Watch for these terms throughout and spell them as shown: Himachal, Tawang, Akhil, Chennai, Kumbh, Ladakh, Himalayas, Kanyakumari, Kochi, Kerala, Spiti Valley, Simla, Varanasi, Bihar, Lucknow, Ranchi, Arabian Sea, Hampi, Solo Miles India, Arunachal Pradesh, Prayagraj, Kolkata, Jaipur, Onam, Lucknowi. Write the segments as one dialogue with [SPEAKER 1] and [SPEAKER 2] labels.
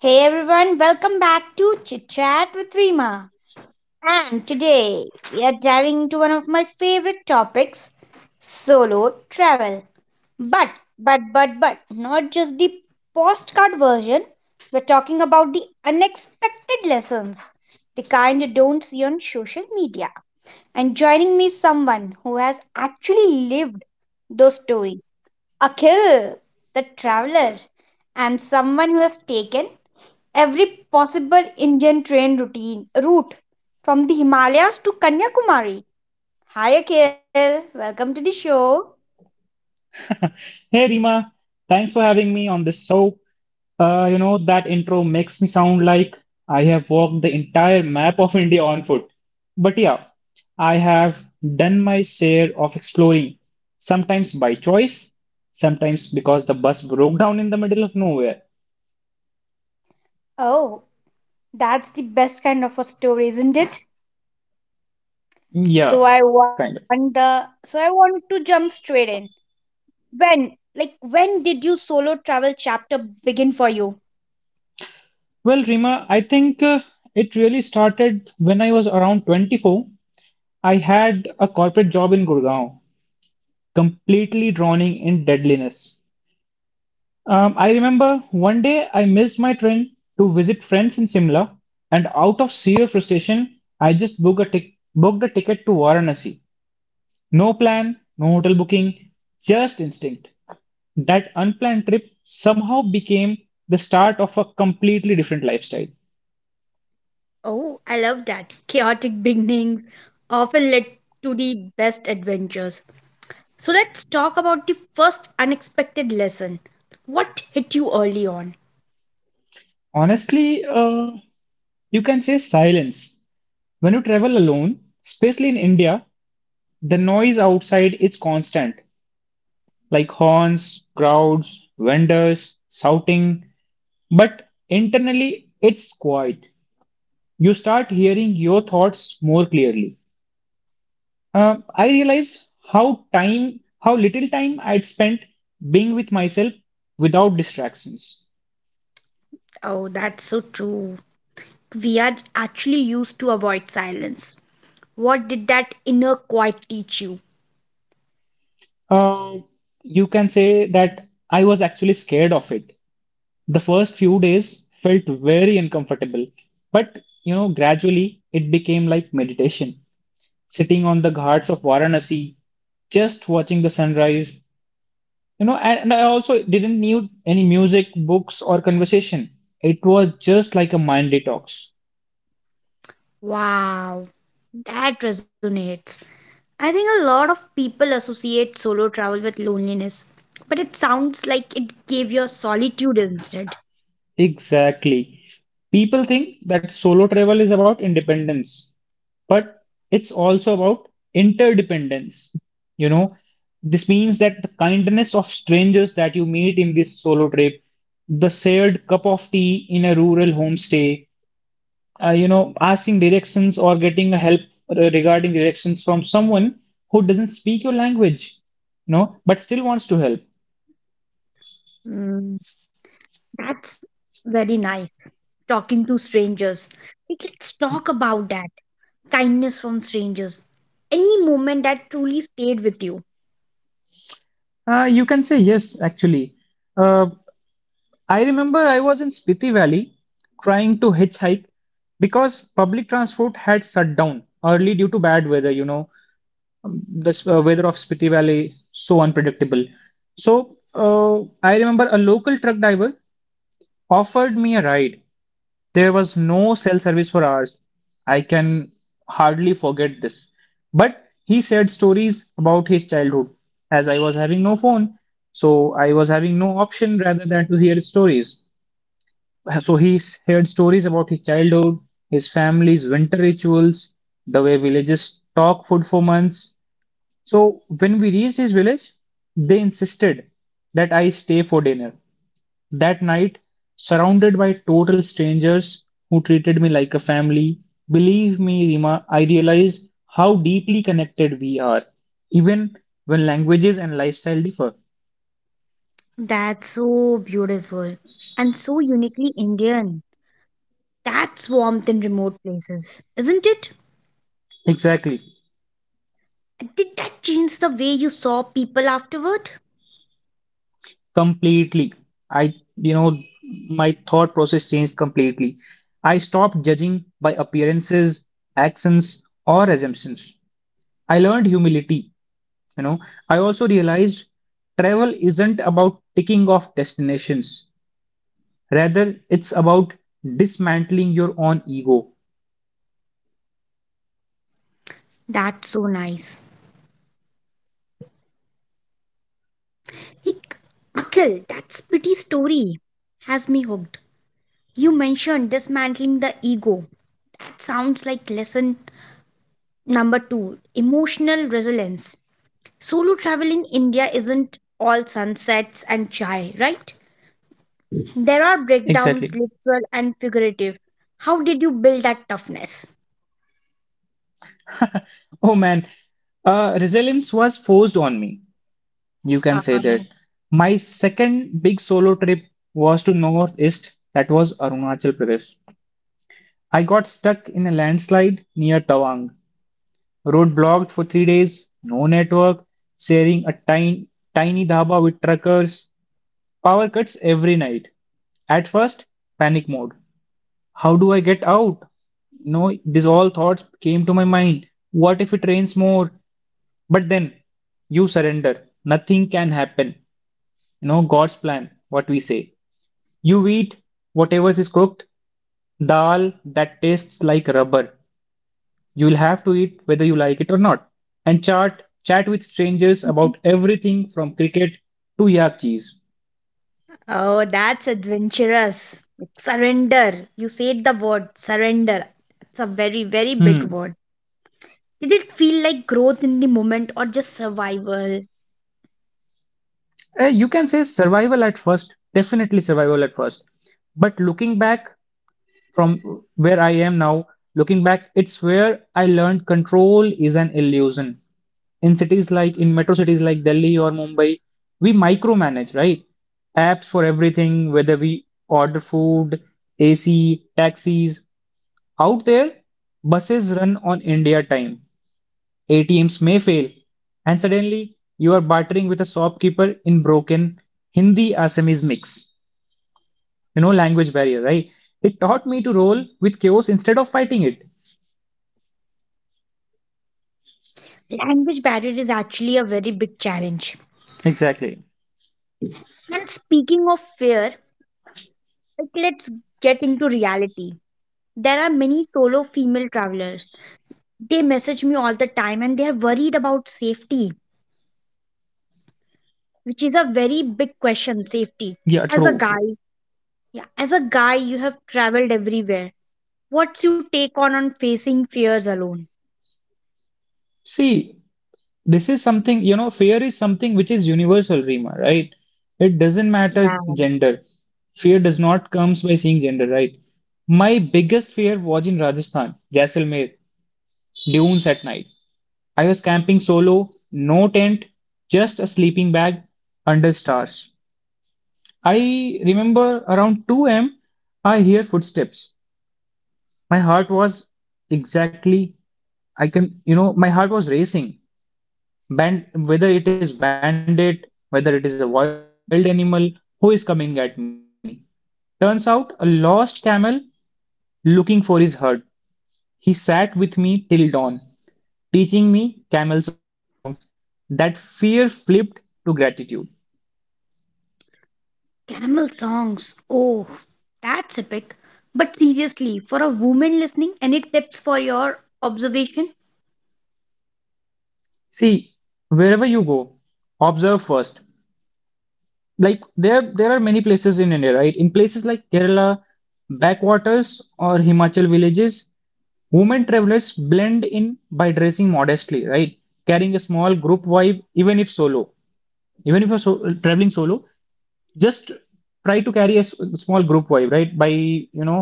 [SPEAKER 1] Hey everyone, welcome back to Chit Chat with Rima. And today we are diving into one of my favorite topics solo travel. But, but not just the postcard version. We're talking about the unexpected lessons, the kind you don't see on social media. And joining me is someone who has actually lived those stories. Akhil, the traveler, and someone who has taken every possible Indian train routine route from the Himalayas to Kanyakumari. Hi Akhil, welcome to the show.
[SPEAKER 2] Hey Rima, thanks for having me on this show. That intro makes me sound like I have walked the entire map of India on foot. But yeah, I have done my share of exploring, sometimes by choice, sometimes because the bus broke down in the middle of nowhere.
[SPEAKER 1] Oh, that's the best kind of a story, isn't it? So
[SPEAKER 2] Yeah,
[SPEAKER 1] I want
[SPEAKER 2] kind of.
[SPEAKER 1] the so I want to jump straight in. When did you solo travel chapter begin for you?
[SPEAKER 2] Well, Rima, I think it really started when I was around 24. I had a corporate job in Gurgaon, completely drowning in deadliness. I remember one day I missed my train to visit friends in Simla, and out of sheer frustration, I just booked a ticket to Varanasi. No plan, no hotel booking, just instinct. That unplanned trip somehow became the start of a completely different lifestyle.
[SPEAKER 1] Oh, I love that. Chaotic beginnings often led to the best adventures. So let's talk about the first unexpected lesson. What hit you early on?
[SPEAKER 2] Honestly, you can say silence. When you travel alone, especially in India, the noise outside is constant, like horns, crowds, vendors, shouting, but internally it's quiet. You start hearing your thoughts more clearly. I realized how little time I'd spent being with myself without distractions.
[SPEAKER 1] Oh, that's so true. We are actually used to avoid silence. What did that inner quiet teach you?
[SPEAKER 2] Uh, you can say that I was actually scared of it. The first few days felt very uncomfortable, but gradually it became like meditation, sitting on the ghats of Varanasi, just watching the sunrise. And I also didn't need any music, books, or conversation. It was just like a mind detox.
[SPEAKER 1] Wow, that resonates. I think a lot of people associate solo travel with loneliness, but it sounds like it gave you solitude instead.
[SPEAKER 2] Exactly. People think that solo travel is about independence, but it's also about interdependence. You know, this means that the kindness of strangers that you meet in this solo trip, the shared cup of tea in a rural homestay, asking directions or getting a help regarding directions from someone who doesn't speak your language, you know, but still wants to help?
[SPEAKER 1] Hmm. That's very nice. Talking to strangers. Like, let's talk about that. Kindness from strangers. Any moment that truly stayed with you?
[SPEAKER 2] You can say yes, actually. Uh, I remember I was in Spiti Valley trying to hitchhike because public transport had shut down early due to bad weather, weather of Spiti Valley so unpredictable. So I remember a local truck driver offered me a ride. There was no cell service for hours. I can hardly forget this. But he said stories about his childhood. As I was having no phone, so I was having no option rather than to hear stories. So he heard stories about his childhood, his family's winter rituals, the way villages stock food for months. So when we reached his village, they insisted that I stay for dinner. That night, surrounded by total strangers who treated me like a family, believe me, Rima, I realized how deeply connected we are, even when languages and lifestyle differ.
[SPEAKER 1] That's so beautiful and so uniquely Indian. That's warmth in remote places, isn't it?
[SPEAKER 2] Exactly.
[SPEAKER 1] Did that change the way you saw people afterward?
[SPEAKER 2] Completely. I, you know, my thought process changed completely. I stopped judging by appearances, accents, or assumptions. I learned humility. You know, I also realized travel isn't about ticking off destinations. Rather, it's about dismantling your own ego.
[SPEAKER 1] That's so nice. Like, Akhil, that's pretty story has me hooked. You mentioned dismantling the ego. That sounds like lesson number two, emotional resilience. Solo travel in India isn't all sunsets and chai, right? There are
[SPEAKER 2] Exactly.
[SPEAKER 1] breakdowns, literal and figurative. How did you build that toughness?
[SPEAKER 2] Oh man, resilience was forced on me. You can
[SPEAKER 1] Uh,
[SPEAKER 2] say that. My second big solo trip was to northeast, that was Arunachal Pradesh. I got stuck in a landslide near Tawang. Road blocked for 3 days, no network, sharing a tiny, tiny dhaba with truckers, power cuts every night. At first, panic mode. How do I get out? No, these all thoughts came to my mind. What if it rains more? But then you surrender. Nothing can happen. You know, God's plan, what we say. You eat whatever is cooked, dal that tastes like rubber. You will have to eat whether you like it or not. And chat with strangers about everything from cricket to yak cheese.
[SPEAKER 1] oh, that's adventurous. Surrender. You said the word surrender. It's a very, very big
[SPEAKER 2] Hmm.
[SPEAKER 1] word. Did it feel like growth in the moment or just survival?
[SPEAKER 2] You can say survival at first, definitely survival at first. But looking back, from where I am now, looking back, it's where I learned control is an illusion. In cities like in metro cities like Delhi or Mumbai, we micromanage, right? Apps for everything, whether we order food, AC, taxis. Out there, buses run on India time. ATMs may fail, and suddenly you are bartering with a shopkeeper in broken Hindi Assamese mix, language barrier, right. It taught me to roll with chaos instead of fighting it.
[SPEAKER 1] Language barrier is actually a very big challenge.
[SPEAKER 2] Exactly.
[SPEAKER 1] And speaking of fear, like, let's get into reality. There are many solo female travelers. They message me all the time and they are worried about safety, which is a very big question. Safety.
[SPEAKER 2] Yeah,
[SPEAKER 1] As a
[SPEAKER 2] true,
[SPEAKER 1] guy,
[SPEAKER 2] true.
[SPEAKER 1] yeah, as a guy, you have traveled everywhere. What's your take on facing fears alone?
[SPEAKER 2] See, this is something, fear is something which is universal, Rima, right. It doesn't
[SPEAKER 1] Yeah.
[SPEAKER 2] matter gender. Fear does not comes by seeing gender, right. My biggest fear was in Rajasthan, Jaisalmer dunes at night. I was camping solo, no tent, just a sleeping bag under stars. I remember around 2 a.m. I hear footsteps. My heart was Exactly. I can, you know, my heart was racing. Whether it is bandit, whether it is a wild animal, who is coming at me? Turns out a lost camel looking for his herd. He sat with me till dawn, teaching me camel songs. That fear flipped to gratitude.
[SPEAKER 1] Camel songs. Oh, that's epic. But seriously, for a woman listening, any tips for your observation?
[SPEAKER 2] See, wherever you go, observe first. Like, there are many places in India, right? In places like Kerala, backwaters or Himachal villages, women travelers blend in by dressing modestly, right? Carrying a small group vibe, even if solo. Even if traveling solo, just try to carry a small group vibe, right? By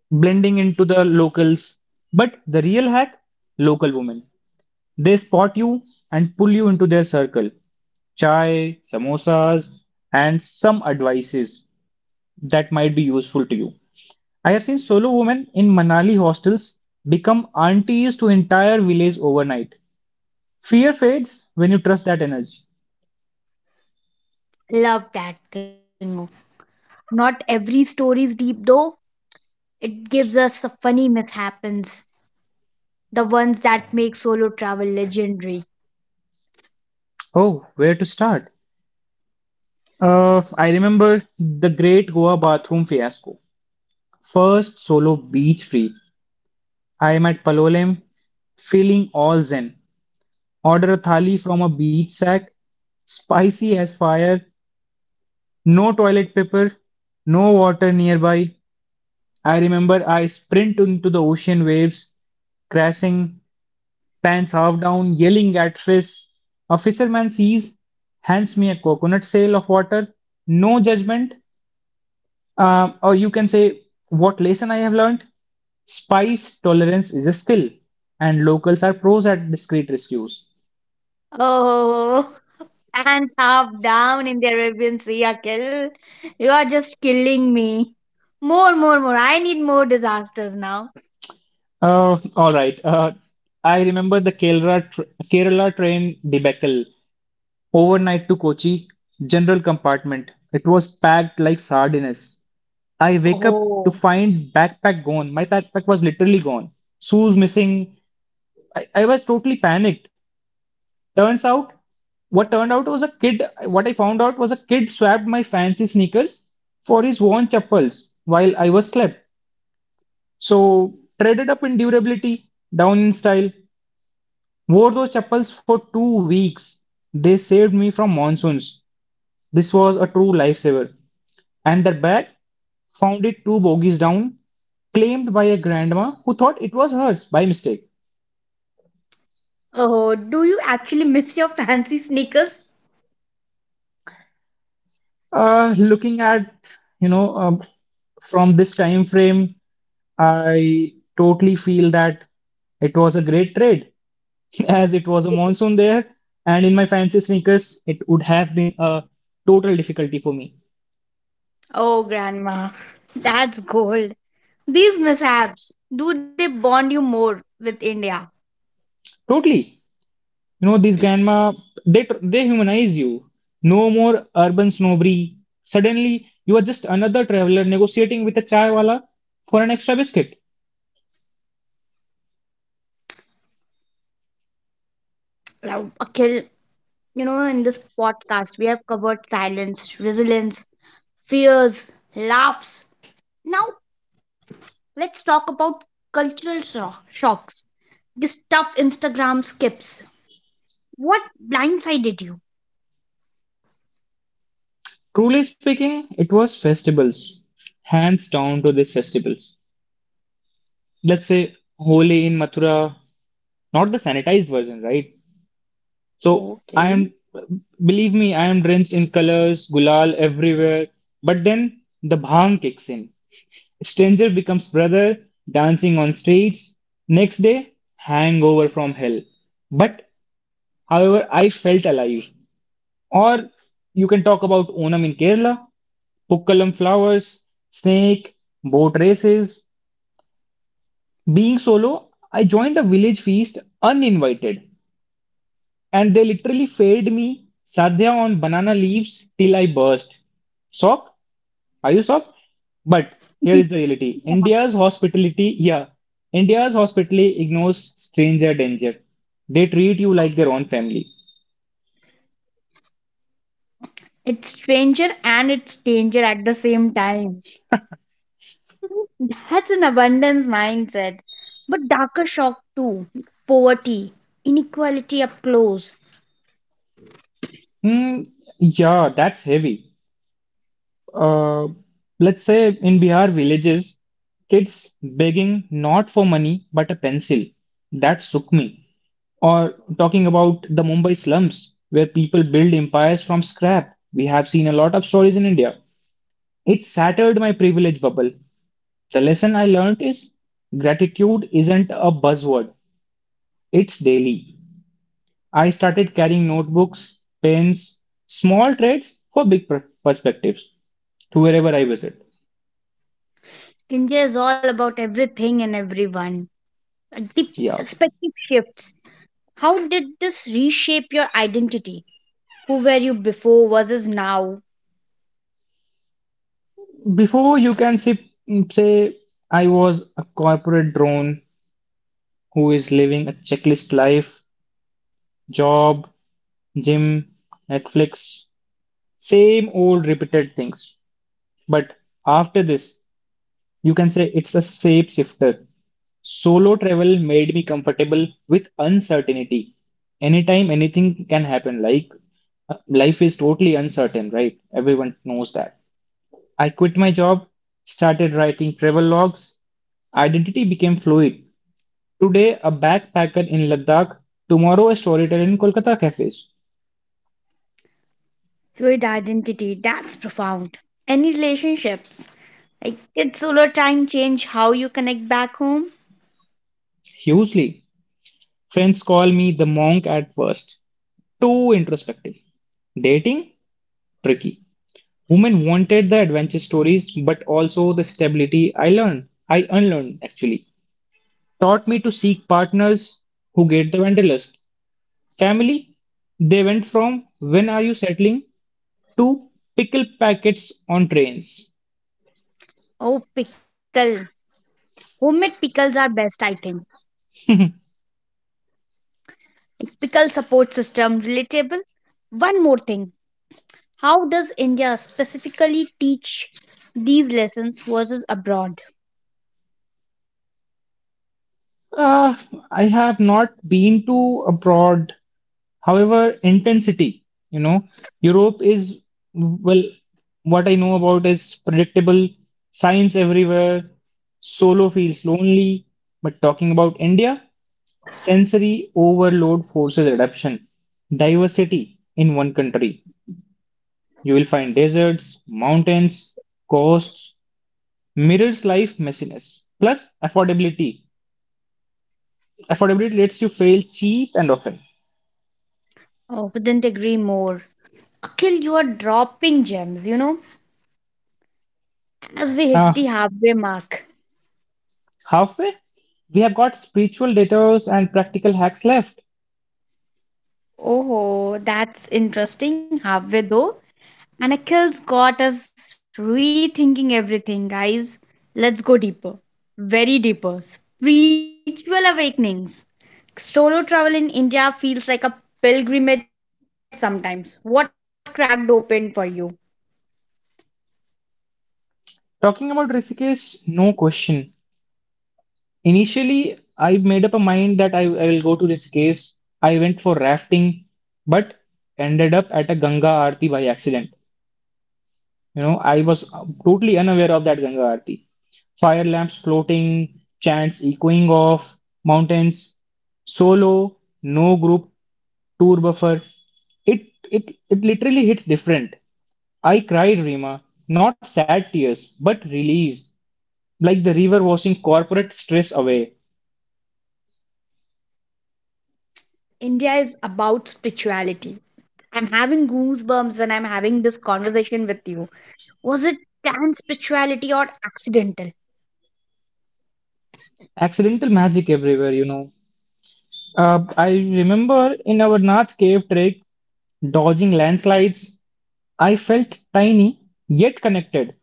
[SPEAKER 2] blending into the locals. But the real hack, local women. They spot you and pull you into their circle. Chai, samosas, and some advices that might be useful to you. I have seen solo women in Manali hostels become aunties to entire villages overnight. Fear fades when you trust that energy.
[SPEAKER 1] Love that thing. Not every story is deep though. It gives us the funny mishaps, the ones that make solo travel legendary.
[SPEAKER 2] Oh, where to start? I remember the great Goa bathroom fiasco. First solo beach trip. I am at Palolem, feeling all zen. Order a thali from a beach sack, spicy as fire, no toilet paper, no water nearby. I remember I sprint into the ocean waves, crashing, pants half down, yelling at fish. A fisherman sees, hands me a coconut sail of water, no judgment. Or you can say, what lesson I have learned? Spice tolerance is a skill, and locals are pros at discreet rescues.
[SPEAKER 1] Oh, hands half down in the Arabian Sea, Akhil. You are just killing me. More, more, more. I need more disasters now.
[SPEAKER 2] All right. I remember the Kerala train debacle. Overnight to Kochi, general compartment. It was packed like sardines. I wake up to
[SPEAKER 1] Oh,
[SPEAKER 2] find backpack gone. My backpack was literally gone. Shoes missing. I was totally panicked. Turns out, what turned out was a kid. What I found out was a kid swapped my fancy sneakers for his worn chappals while I was slept. So traded up in durability, down in style. Wore those chappals for 2 weeks. They saved me from monsoons. This was a true lifesaver. And that bag, found it two bogies down, claimed by a grandma who thought it was hers by mistake.
[SPEAKER 1] oh, do you actually miss your fancy sneakers?
[SPEAKER 2] Looking at, you know, um, from this time frame, I totally feel that it was a great trade as it was a monsoon there. And in my fancy sneakers, it would have been a total difficulty for me.
[SPEAKER 1] Oh, Grandma, that's gold. These mishaps, do they bond you more with India?
[SPEAKER 2] Totally. These grandma, they humanize you. No more urban snobbery. Suddenly, you are just another traveler negotiating with a chai wala for an extra biscuit.
[SPEAKER 1] Now, Akhil, you know, in this podcast, we have covered silence, resilience, fears, laughs. Now, let's talk about cultural shocks. This tough Instagram skips. What blindsided you?
[SPEAKER 2] Truly speaking, it was festivals, hands down to these festivals. Let's say Holi in Mathura, not the sanitized version, right? So I am, believe me, I am drenched in colors, gulal everywhere. But then the bhang kicks in. Stranger becomes brother, dancing on streets. Next day, hangover from hell. But however, I felt alive. Or you can talk about Onam in Kerala, Pukkalam flowers, snake, boat races. Being solo, I joined a village feast uninvited, and they literally fed me sadhya on banana leaves till I burst. Sock? Are you sock? But here is the reality, India's hospitality, yeah, India's hospitality ignores stranger danger. They treat you like their own family.
[SPEAKER 1] It's stranger and it's danger at the same time. That's an abundance mindset. But darker shock too. Poverty, inequality up close.
[SPEAKER 2] Hmm, yeah, that's heavy. uh, let's say in Bihar villages, kids begging not for money but a pencil. That shook me. Or talking about the Mumbai slums, where people build empires from scrap. We have seen a lot of stories in India. It shattered my privilege bubble. The lesson I learned is gratitude isn't a buzzword, it's daily. I started carrying notebooks, pens, small trades for big perspectives to wherever I visit.
[SPEAKER 1] India is all about everything and everyone. The
[SPEAKER 2] Yeah.
[SPEAKER 1] perspective shifts. How did this reshape your identity? Who were you before versus now?
[SPEAKER 2] Before you can say, I was a corporate drone who is living a checklist life, job, gym, Netflix, same old repeated things. But after this, you can say it's a shapeshifter. Solo travel made me comfortable with uncertainty. Anytime anything can happen, like life is totally uncertain, right? Everyone knows that. I quit my job, started writing travel logs. Identity became fluid. Today, a backpacker in Ladakh, tomorrow, a storyteller in Kolkata cafes.
[SPEAKER 1] Fluid identity, that's profound. Any relationships? Like, did solar time change how you connect back home?
[SPEAKER 2] Hugely. Friends call me the monk at first. Too introspective. Dating? Tricky. Women wanted the adventure stories, but also the stability I learned. I unlearned, actually. Taught me to seek partners who get the wanderlust. Family? They went from when are you settling to pickle packets on trains.
[SPEAKER 1] Oh, pickle. Homemade pickles are best, I think. Like, pickle support system, relatable. One more thing. How does India specifically teach these lessons versus abroad?
[SPEAKER 2] Uh, I have not been to abroad. However, intensity, Europe is, well, what I know about is predictable, signs everywhere, solo feels lonely. But talking about India, sensory overload forces adaptation, diversity in one country. You will find deserts, mountains, coasts, mirrors life messiness. Plus, affordability. Affordability lets you fail cheap and often.
[SPEAKER 1] Oh, couldn't agree more. Akhil, you are dropping gems, you know, as we
[SPEAKER 2] Uh,
[SPEAKER 1] hit the halfway mark.
[SPEAKER 2] halfway, we have got spiritual detours and practical hacks left.
[SPEAKER 1] Oh, that's interesting. Halfway though. And Akhil's got us rethinking everything, guys. Let's go deeper. Very deeper. Spiritual awakenings. Solo travel in India feels like a pilgrimage sometimes. What cracked open for you?
[SPEAKER 2] Talking about Rishikesh, no question. Initially, I made up a mind that I will go to Rishikesh. I went for rafting, but ended up at a Ganga Aarti by accident. You know, I was totally unaware of that Ganga Aarti. Fire lamps floating, chants echoing off, mountains, solo, no group, tour buffer. It literally hits different. I cried, Rima, not sad tears, but release, like the river washing corporate stress away.
[SPEAKER 1] India is about spirituality. I'm having goosebumps when I'm having this conversation with you. Was it planned spirituality or accidental?
[SPEAKER 2] Accidental magic everywhere. I remember in our Nath cave trek, dodging landslides. I felt tiny yet connected,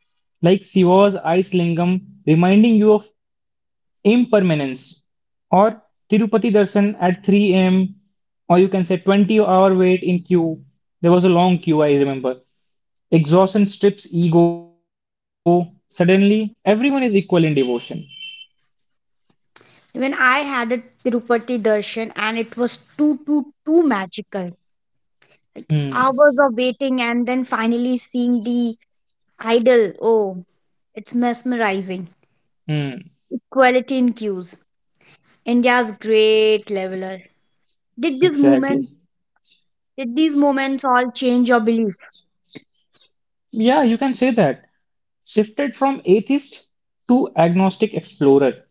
[SPEAKER 2] like Shiva's ice lingam reminding you of impermanence, or Tirupati darshan at 3 a.m., or you can say 20-hour wait in queue. There was a long queue, I remember. Exhaustion strips ego. Suddenly, everyone is equal in devotion.
[SPEAKER 1] When I had a Tirupati darshan and it was too, too, too magical.
[SPEAKER 2] Hmm.
[SPEAKER 1] Hours of waiting and then finally seeing the idol. Oh, it's mesmerizing.
[SPEAKER 2] Hmm.
[SPEAKER 1] Equality in queues. India's great leveler. Did this moment,
[SPEAKER 2] Exactly.
[SPEAKER 1] did these moments all change your belief?
[SPEAKER 2] Yeah, you can say that. Shifted from atheist to agnostic explorer.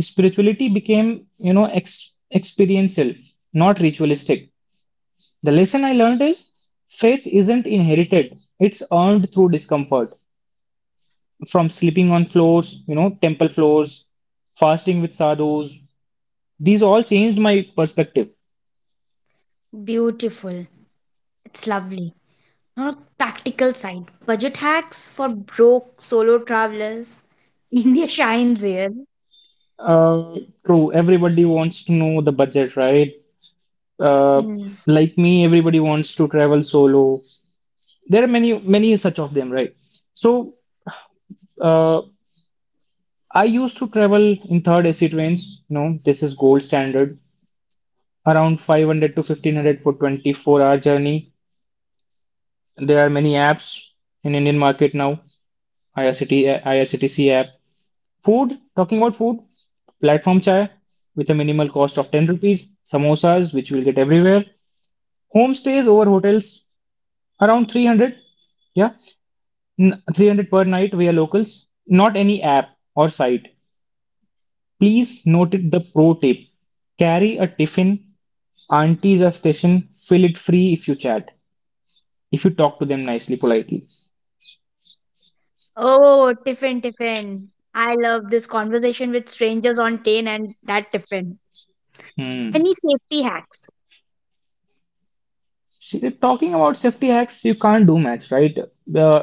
[SPEAKER 2] Spirituality became, experiential, not ritualistic. The lesson I learned is faith isn't inherited, it's earned through discomfort. From sleeping on floors, temple floors, fasting with sadhus, these all changed my perspective.
[SPEAKER 1] Beautiful. It's lovely. On a practical side, budget hacks for broke solo travelers. India shines here.
[SPEAKER 2] Uh, true, everybody wants to know the budget, right? Uh,
[SPEAKER 1] Mm.
[SPEAKER 2] like me, everybody wants to travel solo. There are many, many such of them, right? So, uh, I used to travel in third AC trains. You know, this is gold standard. Around 500 to 1500 for 24-hour journey. There are many apps in Indian market now. IRCT, IRCTC app. Food, talking about food, platform chai with a minimal cost of 10 rupees, samosas which you will get everywhere. Homestays over hotels around 300. Yeah, 300 per night. We are locals. Not any app or site. Please note it, the pro tip. Carry a tiffin. Aunties are station. Fill it free if you chat. If you talk to them nicely, politely.
[SPEAKER 1] Oh, tiffin, tiffin. I love this conversation with strangers on train and that tiffin.
[SPEAKER 2] Hmm.
[SPEAKER 1] Any safety hacks?
[SPEAKER 2] See, talking about safety hacks, you can't do much, right? The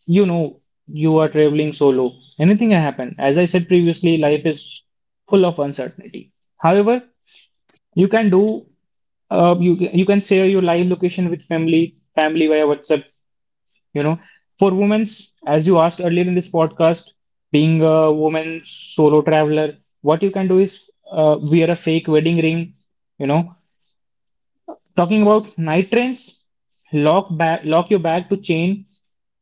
[SPEAKER 2] you know You are traveling solo. Anything can happen. As I said previously, life is full of uncertainty. However, you can do, you can share your live location with family via WhatsApp, you know for women, as you asked earlier in this podcast, being a woman solo traveler, what you can do is, wear a fake wedding ring, you know talking about night trains, lock your bag to chain,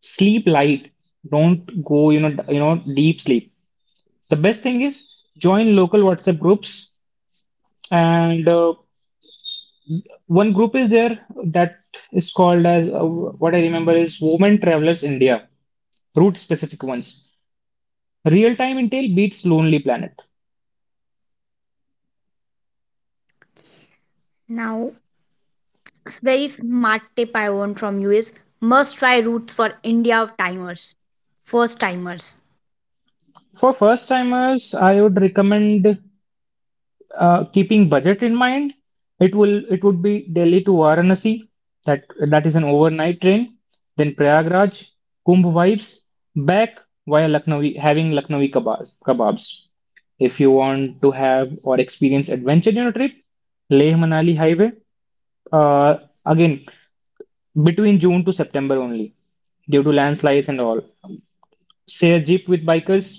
[SPEAKER 2] sleep light, don't go, deep sleep. The best thing is, join local whatsapp groups, and one group is there, that is called as, what I remember is, women travelers india, route specific ones. Real Time Intel beats Lonely Planet.
[SPEAKER 1] Now, very smart tip I want from you is must try routes for India timers, first timers.
[SPEAKER 2] For first timers, I would recommend keeping budget in mind. It would be Delhi to Varanasi. That that is an overnight train. Then Prayagraj, Kumbh vibes. Back via Lucknow, having Lucknowi kebabs. If you want to have or experience adventure in a trip, Leh Manali Highway. Uh, again, between June to September only, due to landslides and all. Share jeep with bikers.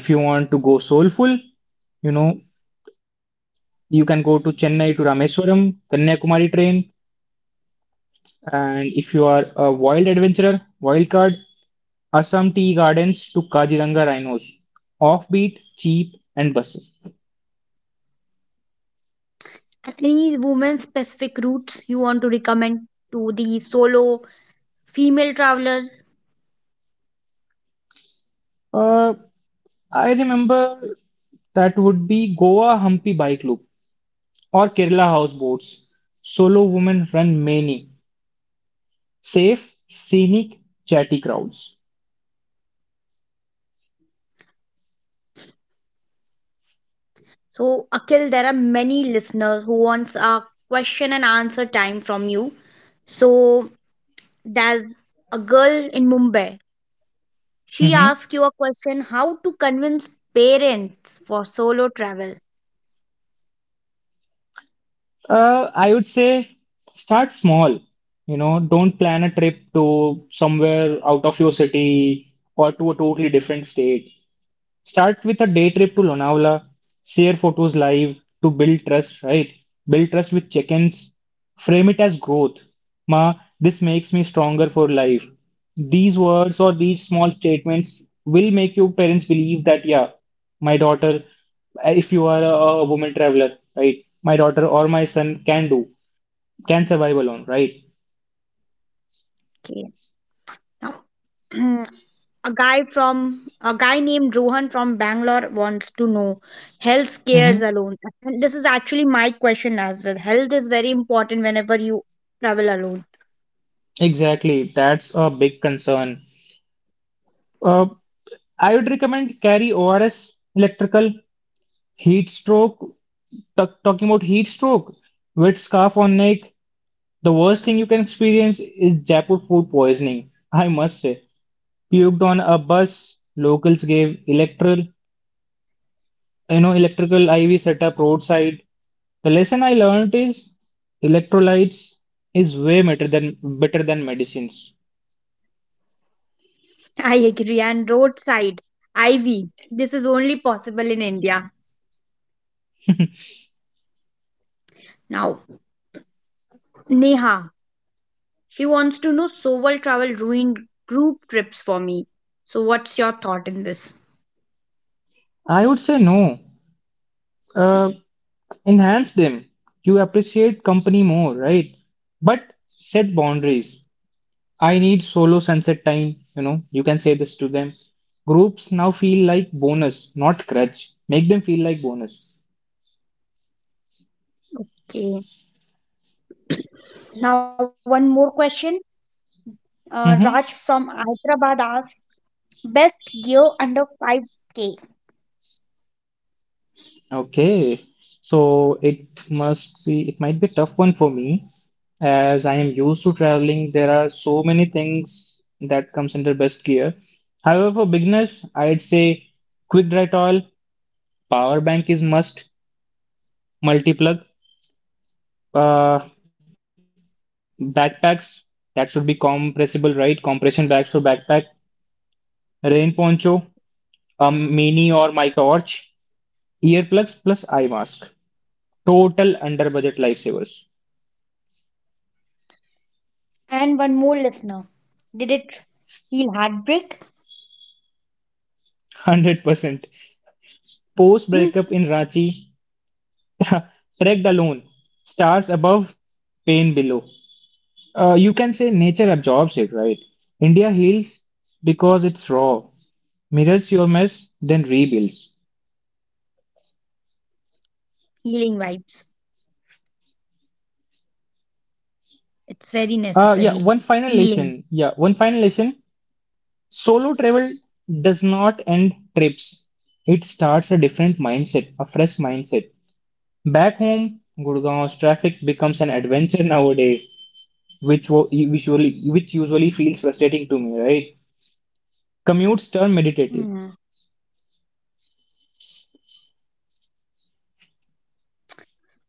[SPEAKER 2] If you want to go soulful, you know, you can go to Chennai to Rameswaram, Kanyakumari train. And if you are a wild adventurer, wild card, Assam Tea Gardens to Kaziranga Rhinos. Offbeat, cheap, and buses.
[SPEAKER 1] And any women specific routes you want to recommend to the solo female travelers?
[SPEAKER 2] Uh, I remember that would be Goa Hampi Bike Loop or Kerala houseboats. Solo women run many. Safe, scenic, chatty crowds.
[SPEAKER 1] So, Akhil, there are many listeners who wants a question and answer time from you. So there's a girl in Mumbai. She
[SPEAKER 2] Mhm.
[SPEAKER 1] asks you a question how to convince parents for solo travel.
[SPEAKER 2] I would say start small. You know, don't plan a trip to somewhere out of your city or to a totally different state. Start with a day trip to Lonavala, share photos live to build trust, right? Build trust with check ins, frame it as growth. Ma, this makes me stronger for life. These words or these small statements will make your parents believe that, yeah, my daughter, if you are a woman traveler, right, my daughter or my son can do, can survive alone, right?
[SPEAKER 1] Okay. Now, a guy named Rohan from Bangalore wants to know health
[SPEAKER 2] Hmm.
[SPEAKER 1] scares alone. And this is actually my question as well. Health is very important whenever you travel alone.
[SPEAKER 2] Exactly, that's a big concern. Uh, I would recommend carry ORS electrical. Heat stroke, talking about heat stroke, wet scarf on neck. The worst thing you can experience is Jaipur food poisoning. I must say, puked on a bus. Locals gave electrical, electrical IV setup roadside. The lesson I learned is electrolytes is way better than medicines.
[SPEAKER 1] I agree. And roadside IV. This is only possible in India. Now, Neha, she wants to know so well travel ruined group trips for me. So, what's your thought in this?
[SPEAKER 2] I would say no. Uh, enhance them. You appreciate company more, right? But set boundaries. I need solo sunset time, you can say this to them. Groups now feel like bonus, not crutch. Make them feel like bonus.
[SPEAKER 1] Okay. Now one more question.
[SPEAKER 2] Mm-hmm.
[SPEAKER 1] Raj from Hyderabad asks best gear under 5K.
[SPEAKER 2] Okay. So it must be, it might be a tough one for me as I am used to traveling. There are so many things that comes under best gear. However, for beginners, I'd say quick dry towel, power bank is must, multi-plug, uh, backpacks that should be compressible, right? Compression bags for backpack, rain poncho, a mini or micro torch, earplugs plus eye mask. Total under budget lifesavers.
[SPEAKER 1] And one more listener. Did it heal heartbreak?
[SPEAKER 2] 100%. Post
[SPEAKER 1] Hmm,
[SPEAKER 2] breakup in Ranchi, trek alone. Stars above, pain below. You can say nature absorbs it, right? India heals because it's raw, mirrors your mess, then rebuilds.
[SPEAKER 1] healing vibes. It's very necessary. Healing.
[SPEAKER 2] Yeah, one final lesson. Yeah, one final lesson. Solo travel does not end trips. It starts a different mindset, a fresh mindset. Back home, Gurgaon's traffic becomes an adventure nowadays, which usually feels frustrating to me, right? Commutes
[SPEAKER 1] Hmm.
[SPEAKER 2] turn meditative.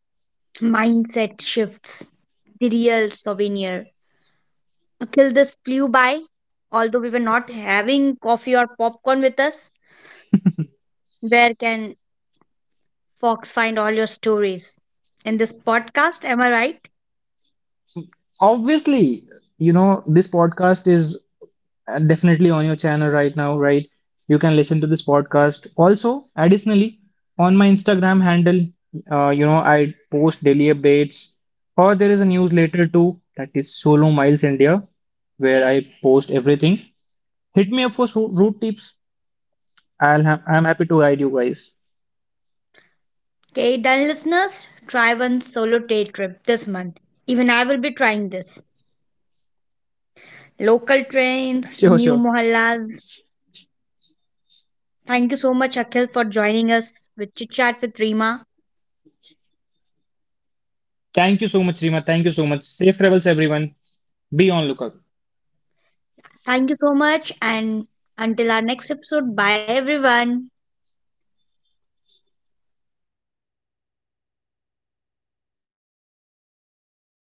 [SPEAKER 1] Mindset shifts. The real souvenir. Until this flew by, although we were not having coffee or popcorn with us, where can Fox find all your stories? In this podcast, am I right?
[SPEAKER 2] Obviously, you know, this podcast is definitely on your channel right now, right? You can listen to this podcast. Also, additionally, on my Instagram handle, I post daily updates, or there is a newsletter too that is Solo Miles India, where I post everything. Hit me up for route tips. I'm happy to guide you guys.
[SPEAKER 1] Okay, done listeners, try one solo day trip this month. Even I will be trying this.
[SPEAKER 2] Sure, sure.
[SPEAKER 1] Local trains, new mohallas. Thank you so much, Akhil, for joining us with Chit Chat with Rima.
[SPEAKER 2] Thank you so much, Rima. Thank you so much. Safe travels, everyone. Be on lookout.
[SPEAKER 1] Thank you so much, and until our next episode, bye everyone.